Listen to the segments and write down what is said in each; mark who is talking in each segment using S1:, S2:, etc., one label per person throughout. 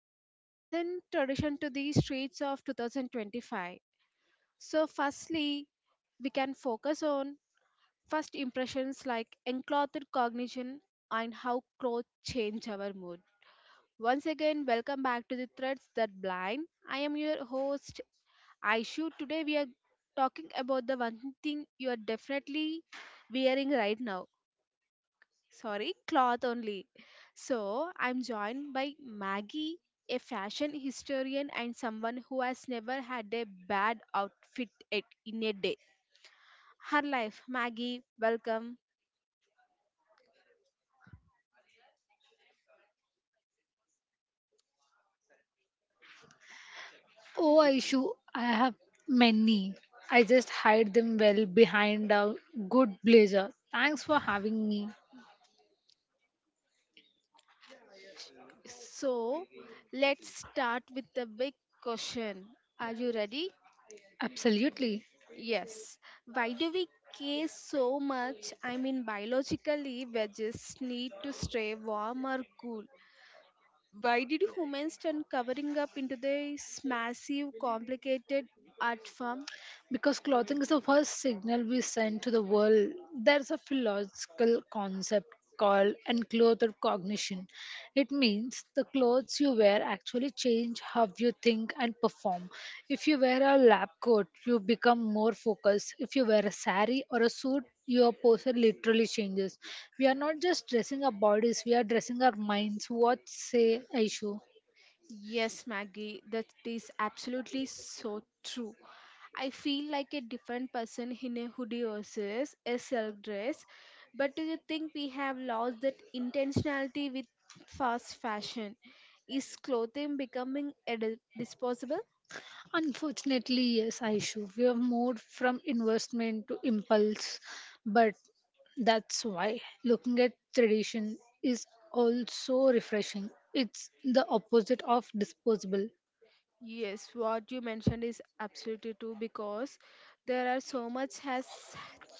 S1: from ancient tradition to the streets of 2025. So firstly, we can focus on first impressions like enclothed cognition and how clothes change our mood. Once again, welcome back to the Threads That Blind. I am your host Aishu, today we are talking about the one thing you are definitely wearing right now. Sorry, cloth only. So, I'm joined by Maggie, a fashion historian and someone who has never had a bad outfit in a day. Her life, Maggie, welcome.
S2: Oh, I have many. I just hide them well behind a good blazer. Thanks for having me.
S1: So, let's start with the big question. Are you ready?
S2: Absolutely.
S1: Yes. Why do we care so much? I mean, biologically, veggies need to stay warm or cool. Why did humans turn covering up into this massive, complicated art form?
S2: Because clothing is the first signal we send to the world. There's a philosophical concept called enclothed cognition. It means the clothes you wear actually change how you think and perform. If you wear a lab coat, you become more focused. If you wear a sari or a suit, your posture literally changes. We are not just dressing our bodies, we are dressing our minds. What say, Aishu?
S1: Yes, Maggie, that is absolutely so true. I feel like a different person in a hoodie versus a silk dress. But do you think we have lost that intentionality with fast fashion? Is clothing becoming a disposable?
S2: Unfortunately, yes, Aishu, we have moved from investment to impulse, but that's why looking at tradition is also refreshing. It's the opposite of disposable.
S1: Yes, what you mentioned is absolutely true because there are so much has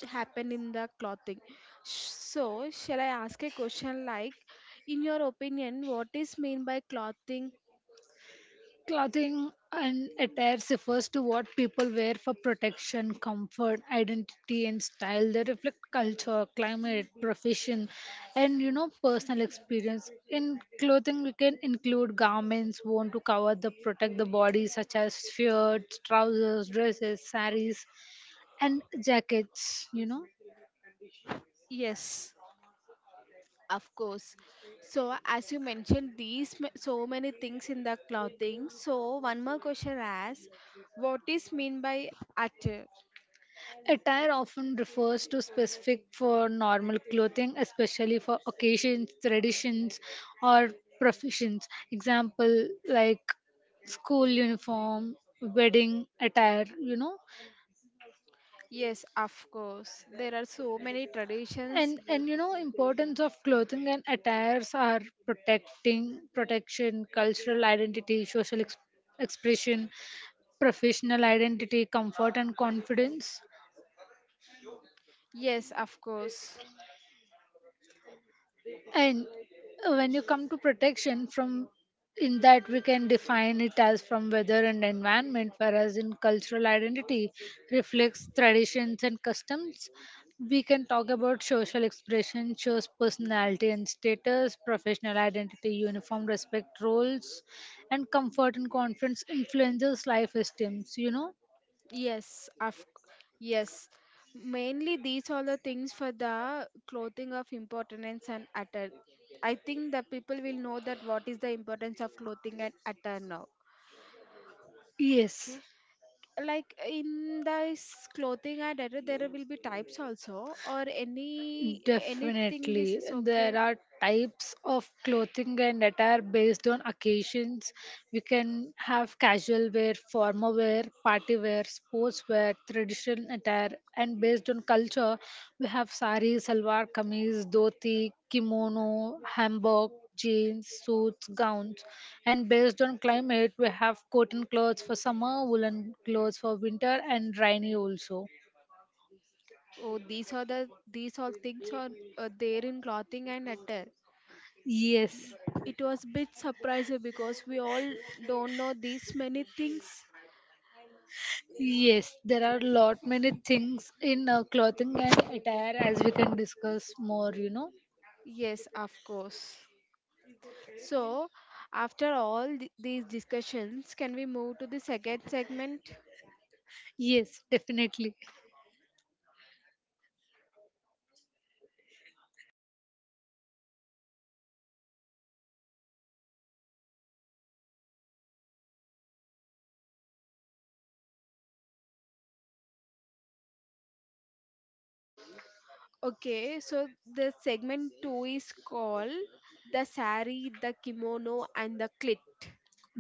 S1: happened in the clothing. So, shall I ask a question like, in your opinion, what is mean by clothing?
S2: Clothing and attire refers to what people wear for protection, comfort, identity, and style. They reflect culture, climate, profession, and personal experience. In clothing, we can include garments worn to cover the protect the body, such as shirts, trousers, dresses, saris, and jackets.
S1: Yes, of course. So, as you mentioned, these so many things in the clothing. So, one more question asks, what is mean by attire?
S2: Attire often refers to specific for normal clothing, especially for occasions, traditions, or professions. Example like school uniform, wedding attire.
S1: Yes, of course. There are so many traditions.
S2: And importance of clothing and attires are protecting protection, cultural identity, social expression, professional identity, comfort and confidence.
S1: Yes, of course.
S2: And when you come to protection from in that we can define it as from weather and environment, whereas in cultural identity reflects traditions and customs. We can talk about social expression, shows personality and status, professional identity, uniform respect roles, and comfort and confidence influences life esteems, you know?
S1: Yes, of yes. Mainly these are the things for the clothing of importance and attire. I think the people will know that what is the importance of clothing and attire now.
S2: Yes.
S1: Okay. Like in this clothing and attire, there will be types also, or anything is,
S2: Definitely.
S1: is
S2: There
S1: okay.
S2: are types of clothing and attire based on occasions. We can have casual wear, formal wear, party wear, sports wear, traditional attire, and based on culture, we have sari, salwar kameez, dhoti, kimono, hanbok, jeans, suits, gowns, and based on climate, we have cotton clothes for summer, woolen clothes for winter, and rainy also.
S1: Oh, these are these all things are there in clothing and attire.
S2: Yes,
S1: It was bit surprising because we all don't know these many things.
S2: yes, there are lot many things in clothing and attire as we can discuss more, you know.
S1: Yes, of course. So, after all these discussions, can we move to the second segment?
S2: Yes, definitely.
S1: Okay, so the segment two is called the sari, the kimono, and the clit.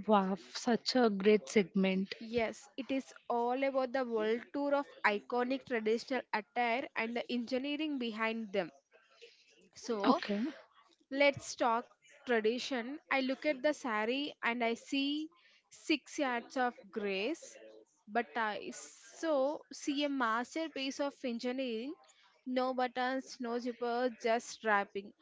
S2: Wow, such a great segment.
S1: Yes, it is all about the world tour of iconic traditional attire and the engineering behind them. So,
S2: Okay.
S1: let's talk tradition. I look at the sari and I see 6 yards of grace, but I so see a masterpiece of engineering. No buttons, no zippers, just wrapping.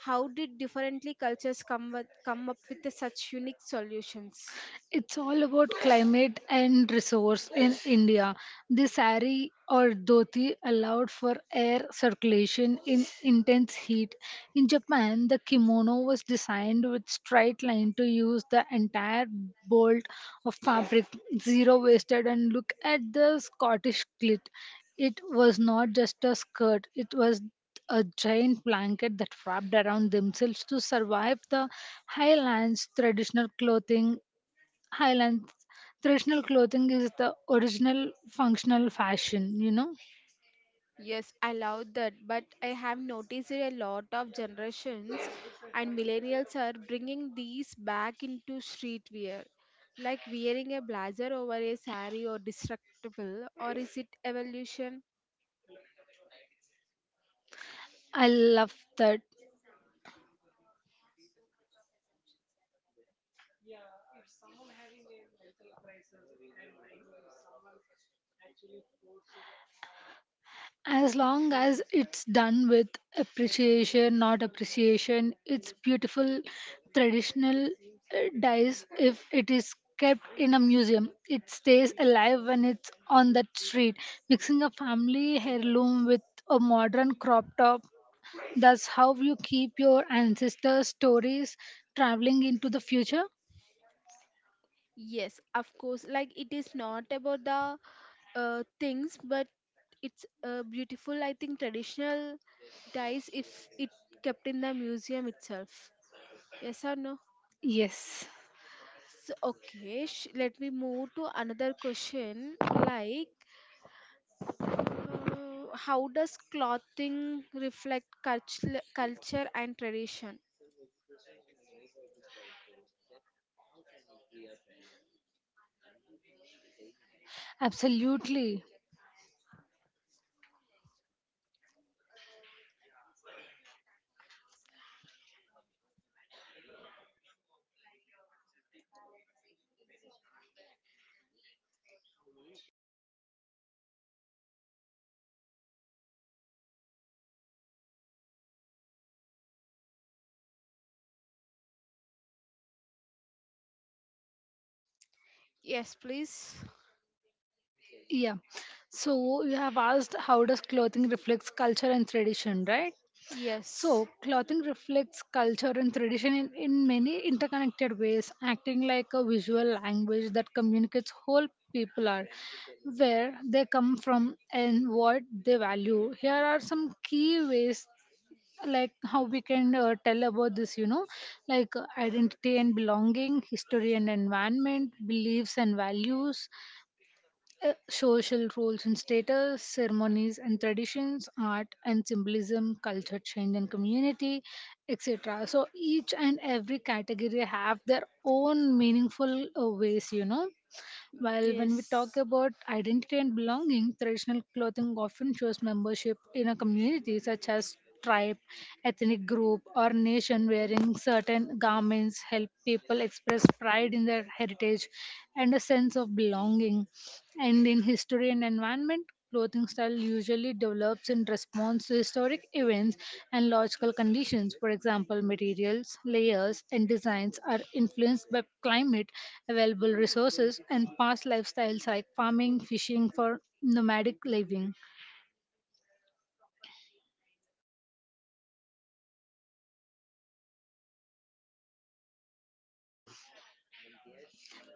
S1: How did differently cultures come up with such unique solutions?
S2: It's all about climate and resource in India. The sari or dhoti allowed for air circulation in intense heat. In Japan, the kimono was designed with straight line to use the entire bolt of fabric, zero wasted and look at the Scottish kilt. It was not just a skirt, it was a giant blanket that wrapped around themselves to survive the highlands traditional clothing Highlands. Traditional clothing is the original functional fashion, you know.
S1: Yes, I love that, but I have noticed it a lot of generations and millennials are bringing these back into streetwear, like wearing a blazer over a sari or destructible, or is it evolution?
S2: I love that. As long as it's done with appreciation, not appreciation, it's beautiful traditional dyes. If it is kept in a museum, it stays alive when it's on that street. Mixing a family heirloom with a modern crop top, that's how you keep your ancestors' stories traveling into the future.
S1: Yes, of course, like it is not about the things, but it's beautiful, I think, traditional dyes if it kept in the museum itself. Yes or no?
S2: Yes,
S1: So, okay, let me move to another question like how does clothing reflect culture and tradition?
S2: absolutely.
S1: Yes, please.
S2: Yeah. So you have asked how does clothing reflects culture and tradition, right? So
S1: Yes.
S2: clothing reflects culture and tradition in many interconnected ways, acting like a visual language that communicates whole people are, where they come from and what they value. Here are some key ways like how we can tell about this, you know, like identity and belonging, history and environment, beliefs and values, social roles and status, ceremonies and traditions, art and symbolism, culture change and community, etc. So each and every category have their own meaningful ways, you know. While when we talk
S1: Yes.
S2: about identity and belonging, traditional clothing often shows membership in a community such as tribe, ethnic group, or nation wearing certain garments help people express pride in their heritage and a sense of belonging. And in history and environment, clothing style usually develops in response to historic events and logical conditions. For example, materials, layers, and designs are influenced by climate, available resources, and past lifestyles like farming, fishing for nomadic living.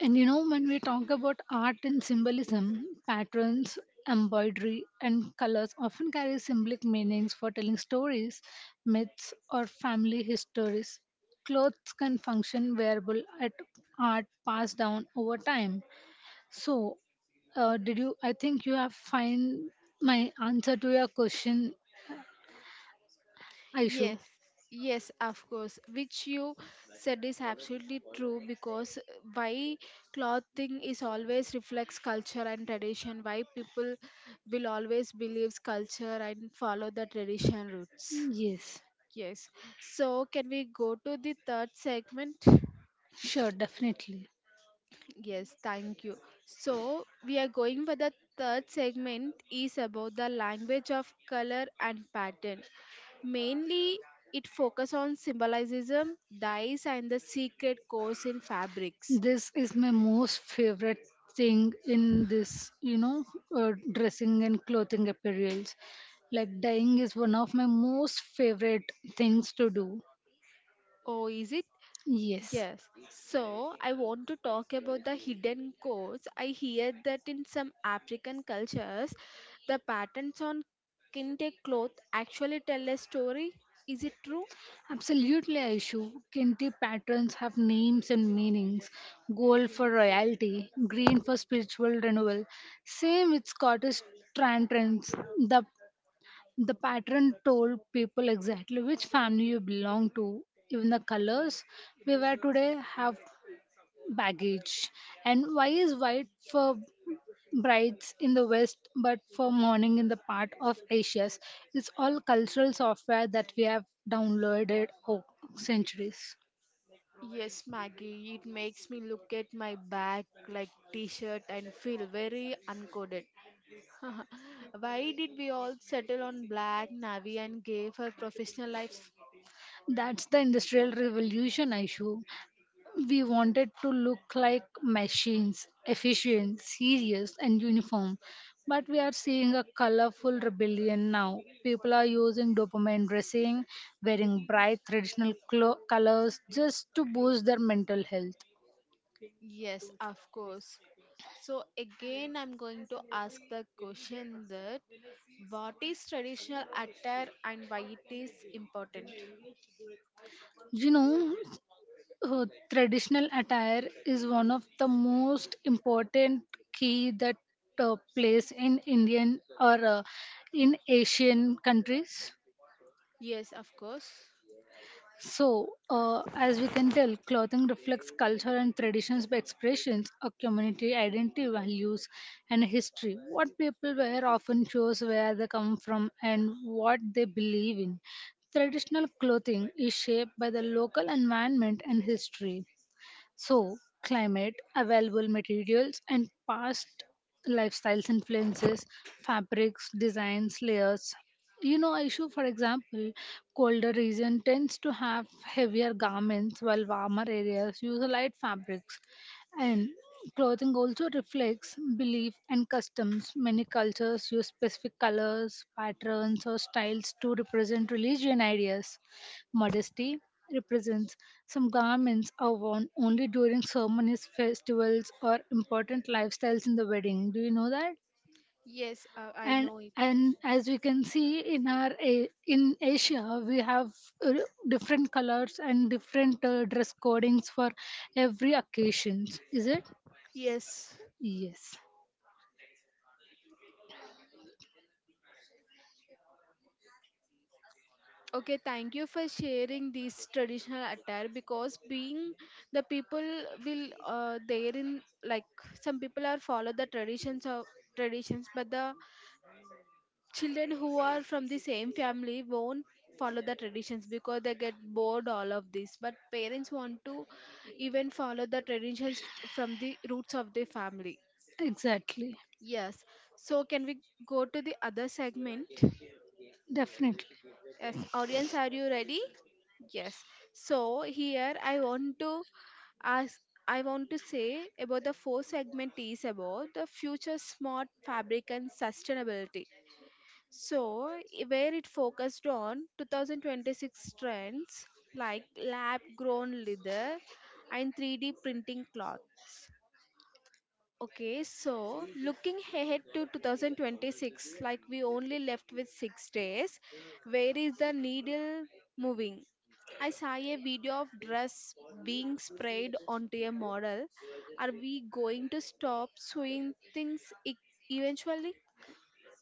S2: And you know, when we talk about art and symbolism, patterns, embroidery, and colors often carry symbolic meanings for telling stories, myths, or family histories. Clothes can function wearable at art passed down over time. So, did you? I think you have find my answer to your question, Aishu.
S1: Yes, yes, of course. Which you said is absolutely true because why clothing is always reflects culture and tradition, why people will always believe culture and follow the tradition roots.
S2: Yes,
S1: Yes. So, can we go to the third segment?
S2: sure, definitely.
S1: Yes, thank you. So we are going for the third segment is about the language of color and pattern. Mainly it focus on symbolism, dyes and the secret codes in fabrics.
S2: This is my most favorite thing in this, you know, dressing and clothing apparels. Like dyeing is one of my most favorite things to do.
S1: Oh, is it?
S2: Yes.
S1: Yes. So I want to talk about the hidden codes. I hear that in some African cultures, the patterns on kente cloth actually tell a story. Is it true?
S2: Absolutely, Aishu. Kinti patterns have names and meanings. Gold for royalty, green for spiritual renewal. Same with Scottish Trantons. The the pattern told people exactly which family you belong to. Even the colors we wear today have baggage. And why is white for brides in the West but for mourning in the part of Asia? It's all cultural software that we have downloaded over centuries.
S1: Yes, Maggie, it makes me look at my back like t shirt and feel very uncoded. Why did we all settle on black, navy, and gay for professional life?
S2: That's the industrial revolution issue. We wanted to look like machines, efficient, serious, and uniform. But we are seeing a colorful rebellion now. People are using dopamine dressing, wearing bright traditional colors just to boost their mental health.
S1: Yes, of course. So, again, I'm going to ask the question that what is traditional attire and why it is important?
S2: You know, uh, traditional attire is one of the most important key that plays in Indian or in Asian countries.
S1: Yes, of course.
S2: So, as we can tell, clothing reflects culture and traditions by expressions, a community identity, values, and history. What people wear often shows where they come from and what they believe in. Traditional clothing is shaped by the local environment and history. So, climate, available materials, and past lifestyles influences fabrics, designs, layers. You know, issue for example, colder region tends to have heavier garments while warmer areas use light fabrics. And clothing also reflects belief and customs. Many cultures use specific colors, patterns, or styles to represent religion ideas. Modesty represents some garments are worn only during ceremonies, festivals, or important lifestyles in the wedding. Do you know that?
S1: Yes, I
S2: and
S1: know it.
S2: and as we can see in our in Asia, we have uh, different colors and different dress codings for every occasions, is it?
S1: Yes.
S2: Yes.
S1: Okay, thank you for sharing this traditional attire because being the people will there in like some people are follow the traditions of traditions but the Children who are from the same family won't follow the traditions because they get bored all of this but parents want to even follow the traditions from the roots of the family.
S2: Exactly.
S1: Yes. So, can we go to the other segment?
S2: Definitely.
S1: Yes, audience, are you ready? Yes. So here I want to ask I want to say about the fourth segment is about the future smart fabric and sustainability. So, where it focused on 2026 trends like lab grown leather and 3D printing cloths. Okay, so looking ahead to 2026, like we only left with 6 days, where is the needle moving? I saw a video of dress being sprayed onto a model. Are we going to stop sewing things eventually?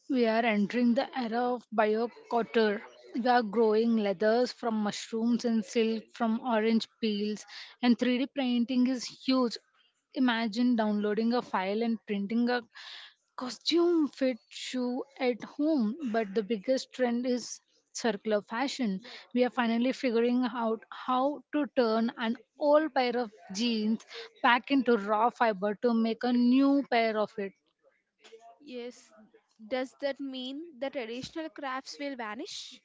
S2: We are entering the era of biocotter. We are growing leathers from mushrooms and silk from orange peels, and 3D printing is huge. Imagine downloading a file and printing a costume fit shoe at home. But the biggest trend is circular fashion. We are finally figuring out how to turn an old pair of jeans back into raw fiber to make a new pair of it.
S1: Yes, does that mean the traditional crafts will vanish?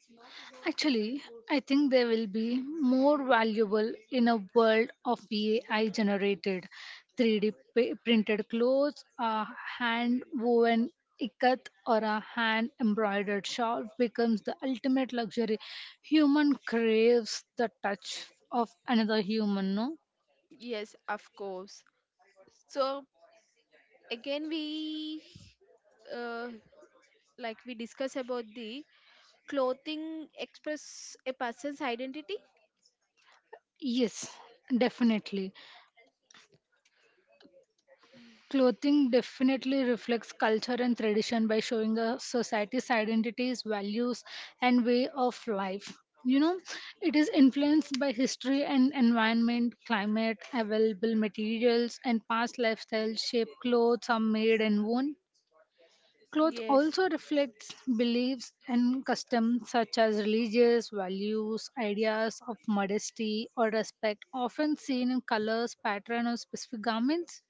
S2: Actually, I think they will be more valuable in a world of AI generated printed clothes, a hand woven ikat or a hand embroidered shawl becomes the ultimate luxury. Human craves the touch of another human, no?
S1: Yes, of course. So again, we uh, like we discuss about the clothing express a person's identity.
S2: Yes, definitely. Clothing definitely reflects culture and tradition by showing a society's identities, values, and way of life. You know, it is influenced by history and environment, climate, available materials, and past lifestyles shape clothes are made and worn. Clothes
S1: Yes,
S2: also reflects beliefs and customs such as religious values, ideas of modesty or respect, often seen in colors, pattern, or specific garments,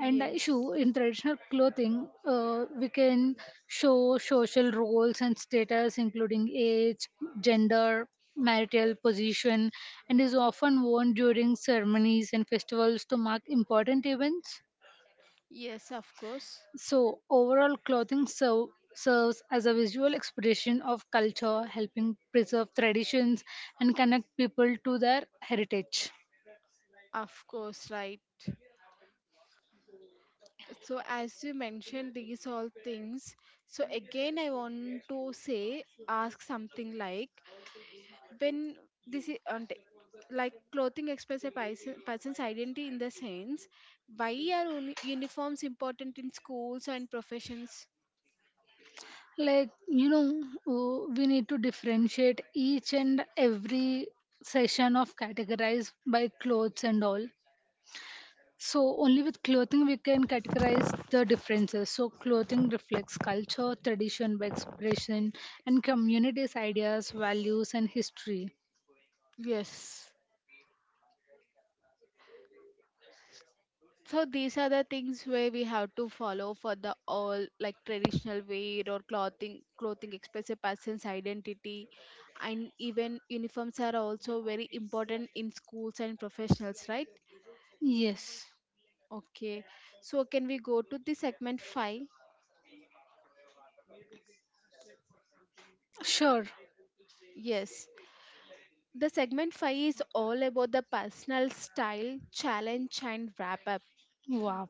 S2: and issue in traditional clothing we can show social roles and status including age, gender, marital position, and is often worn during ceremonies and festivals to mark important events.
S1: yes,
S2: So overall clothing serves as a visual expression of culture, helping preserve traditions and connect people to their heritage.
S1: of course, right. So as you mentioned these all things, so again I want to say ask something like when this is అంటే like clothing expresses a person's identity in the sense why are uniforms important in schools and professions.
S2: Like you know, we need to differentiate each and every session of categorize by clothes and all. So only with clothing we can categorize the differences. So clothing reflects culture tradition by expression and communities ideas values and history.
S1: Yes. So these are the things where we have to follow for the all like traditional wear or clothing express a person's identity and even uniforms are also very important in schools and professionals, right?
S2: Yes,
S1: Okay, so can we go to the segment 5?
S2: sure.
S1: Yes. The segment 5 is all about the personal style, challenge, and wrap up.
S2: Wow.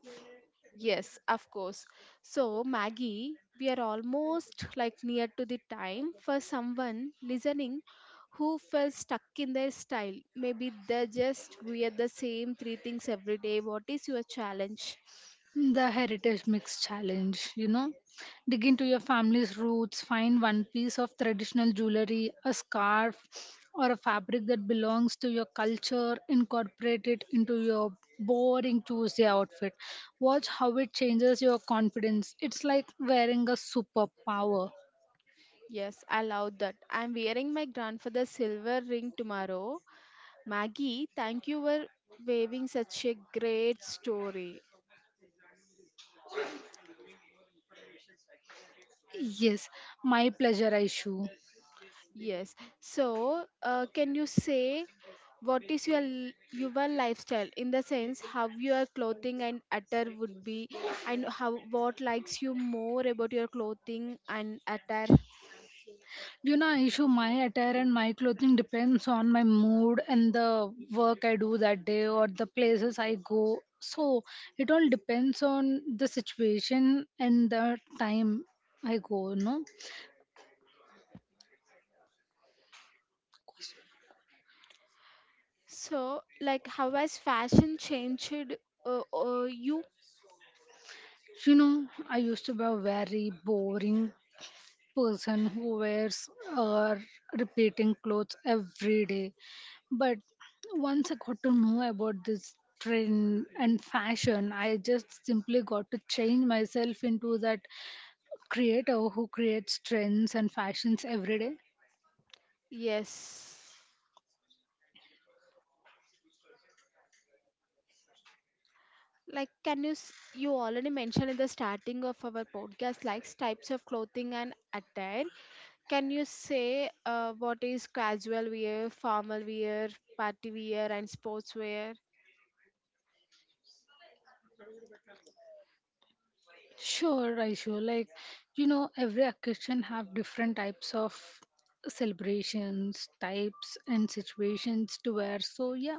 S1: Yes, of course. So, Maggie, we are almost like near to the time for someone listening who felt stuck in their style. Maybe they just wear the same three things every day. What is your challenge?
S2: The heritage mix challenge, you know. Dig into your family's roots, find one piece of traditional jewelry, a scarf, or a fabric that belongs to your culture, incorporate it into your boring Tuesday outfit. Watch how it changes your confidence. It's like wearing a superpower.
S1: Yes, I love that. I'm wearing my grandfather's silver ring tomorrow. Maggie, thank you for waving such a great story.
S2: Yes, my pleasure, Aishu.
S1: Yes. So, can you say what is your your lifestyle in the sense how your clothing and attire would be and how what likes you more about your clothing and attire?
S2: You know, issue my attire and my clothing depends on my mood and the work I do that day or the places I go. So it all depends on the situation and the time I go, no?
S1: So, like how has fashion changed you?
S2: You know, I used to be very boring person who wears uh, repeating clothes every day. But once I got to know about this trend and fashion, I just simply got to change myself into that creator who creates trends and fashions every day.
S1: Yes. Like can you you already mentioned in the starting of our podcast like types of clothing and attire. Can you say what is casual wear, formal wear, party wear, and sportswear?
S2: Sure, I sure like you know every occasion have different types of celebrations, types and situations to wear. So yeah,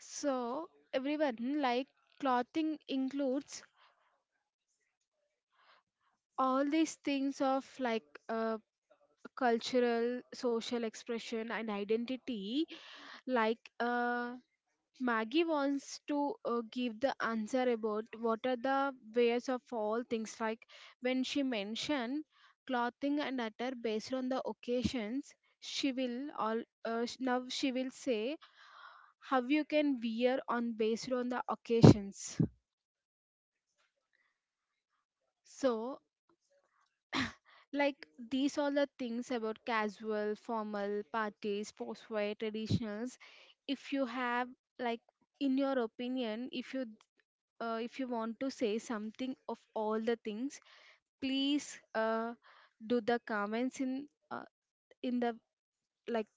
S1: So, everyone, like clothing includes all these things of like uh, cultural, social expression, and identity. Like, Maggie wants to give the answer about what are the ways of all things like when she mentioned clothing and attire based on the occasions she will all now she will say how you can wear on based on the occasions. So like these all the things about casual formal parties post traditionals if you have like in your opinion if you want to say something of all the things, please do the comments in the like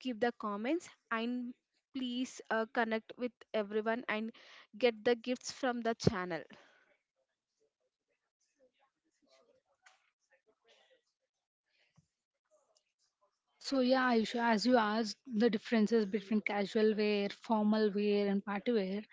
S1: keep the comments and please connect with everyone and get the gifts from the channel.
S2: so yeah, Aisha, as you asked the differences between casual wear, formal wear, and party wear,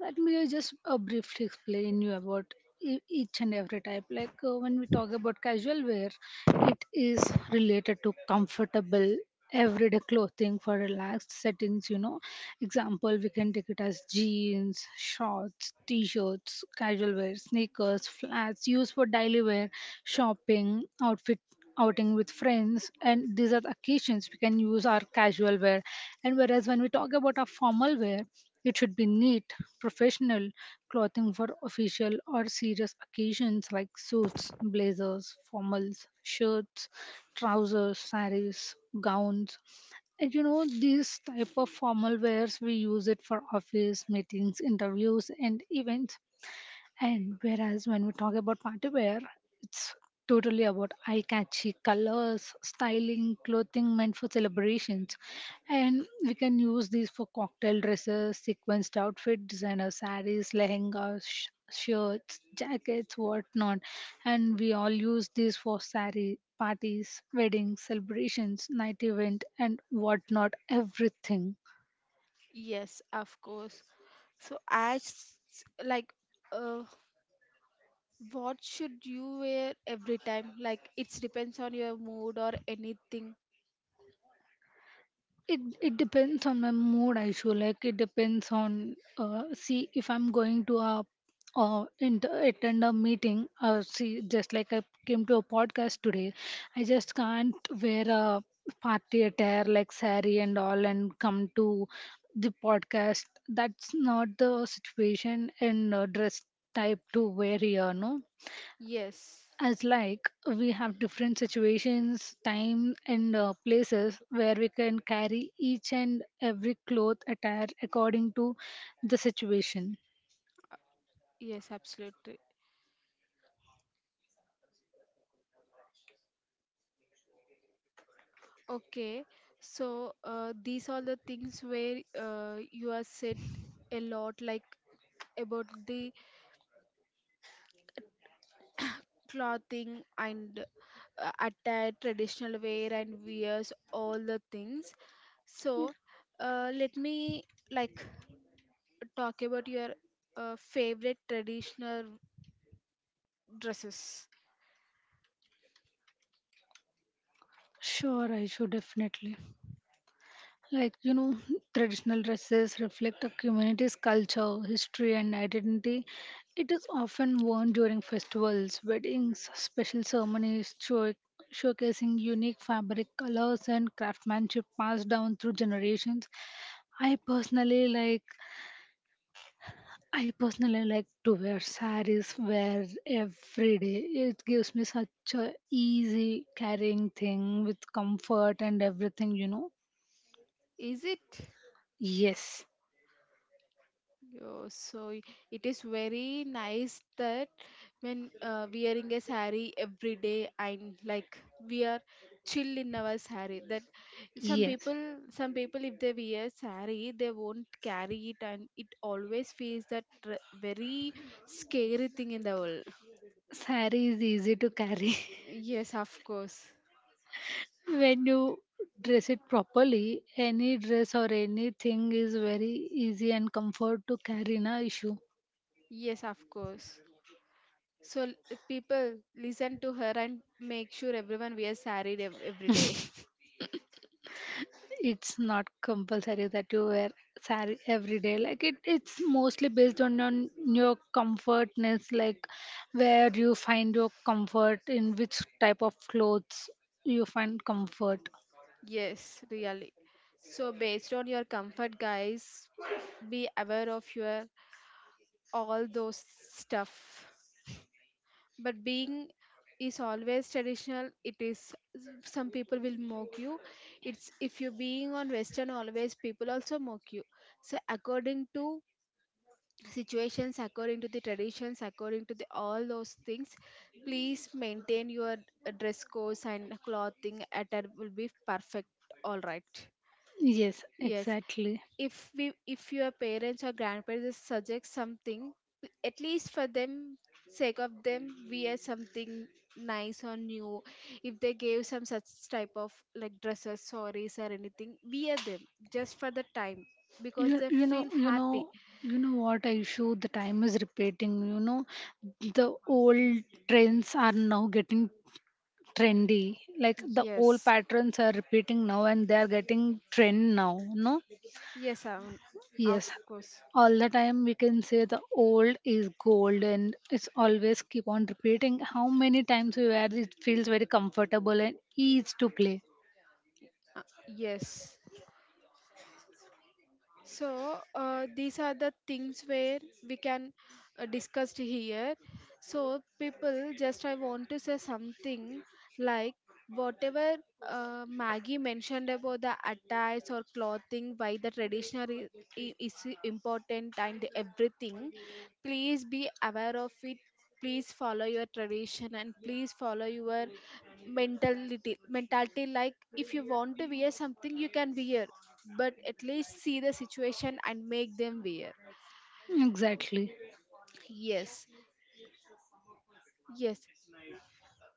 S2: let me just briefly explain you about each and every type. Like when we talk about casual wear, it is related to comfortable everyday clothing for relaxed settings. You know, example we can take it as jeans, shorts, t-shirts, casual wear, sneakers, flats used for daily wear, shopping, outfit outing with friends, and these are the occasions we can use our casual wear. And whereas when we talk about our formal wear, it should be neat, professional clothing for official or serious occasions like suits, blazers, formals, shirts, trousers, saris, gowns. And you know, these type of formal wears we use it for office, meetings, interviews, and events. And whereas when we talk about party wear, it's totally about eye catchy colors, styling, clothing meant for celebrations. And we can use these for cocktail dresses, sequenced outfit, designer saris, lehengas, shirts, jackets, whatnot. And we all use these for sari parties, weddings, celebrations, night event, and whatnot, everything.
S1: Yes, of course. So as like uh, what should you wear every time like it depends on your mood or anything.
S2: It depends on my mood. I feel like it depends on, see, if I'm going to a attend a meeting, or see, just like I came to a podcast today. I just can't wear a party attire like sari and all and come to the podcast. That's not the situation and dress type to wear here. No,
S1: Yes,
S2: as like we have different situations time and places where we can carry each and every cloth attire according to the situation.
S1: yes, absolutely. Okay, so these are the things where you are said a lot, like about the clothing and attire, traditional wear and wears, all the things. So let me like talk about your favorite traditional dresses.
S2: Sure, I should definitely, like you know, traditional dresses reflect a community's culture, history and identity. It is often worn during festivals, weddings, special ceremonies, showcasing unique fabric colors and craftsmanship passed down through generations. I personally like I personally like to wear saris wear every day. It gives me such a easy carrying thing with comfort and everything, you know.
S1: Is it?
S2: Yes.
S1: Oh, so it is very nice that when wearing a sari every day and like we are chill in our sari that some
S2: Yes.
S1: people some people if they wear sari they won't carry it and it always feels that very scary thing in the world.
S2: Sari is easy to carry.
S1: Yes, of course.
S2: When you dress it properly, any dress or anything is very easy and comfort to carry, na issue.
S1: Yes, of course. So people listen to her and make sure everyone wears sari every day.
S2: It's not compulsory that you wear sari every day. Like it's mostly based on your comfortness, like where you find your comfort, in which type of clothes you find comfort.
S1: Yes, really. So, based on your comfort, guys, be aware of your all those stuff. But being is always traditional. It is some people will mock you. It's if you being on Western always people also mock you. So according to situations, according to the traditions, according to the all those things, please maintain your dress codes and clothing attire will be perfect. All right.
S2: Yes,
S1: Yes,
S2: exactly.
S1: if we if your parents or grandparents suggest something, at least for them sake of them, we are something nice or new. If they gave some such type of like dresses, sarees or anything, we are them just for the time because
S2: you,
S1: they
S2: you know
S1: feel
S2: you know
S1: happy.
S2: you know what, a issue the time is repeating, you know. The old trends are now getting trendy. Like the old
S1: Yes,
S2: patterns are repeating now and they are getting trend now, no?
S1: yes, of
S2: Yes,
S1: course,
S2: all the time we can say the old is gold and it's always keep on repeating. How many times we wear it feels very comfortable and easy to play.
S1: yes. So, these are the things where we can discuss here. So, people, just I want to say something like whatever Maggie mentioned about the attires or clothing, why the traditional is important and everything. Please be aware of it. Please follow your tradition and please follow your mentality like if you want to wear something you can wear but at least see the situation and make them aware.
S2: Exactly.
S1: Yes, yes.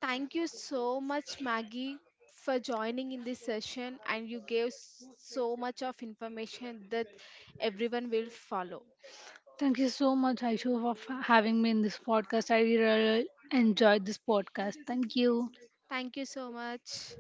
S1: Thank you so much, Maggie, for joining in this session, and you gave so much of information that everyone will follow.
S2: Thank you so much, Aishu, for having me in this podcast. I really enjoyed this podcast. Thank you.
S1: Thank you so much.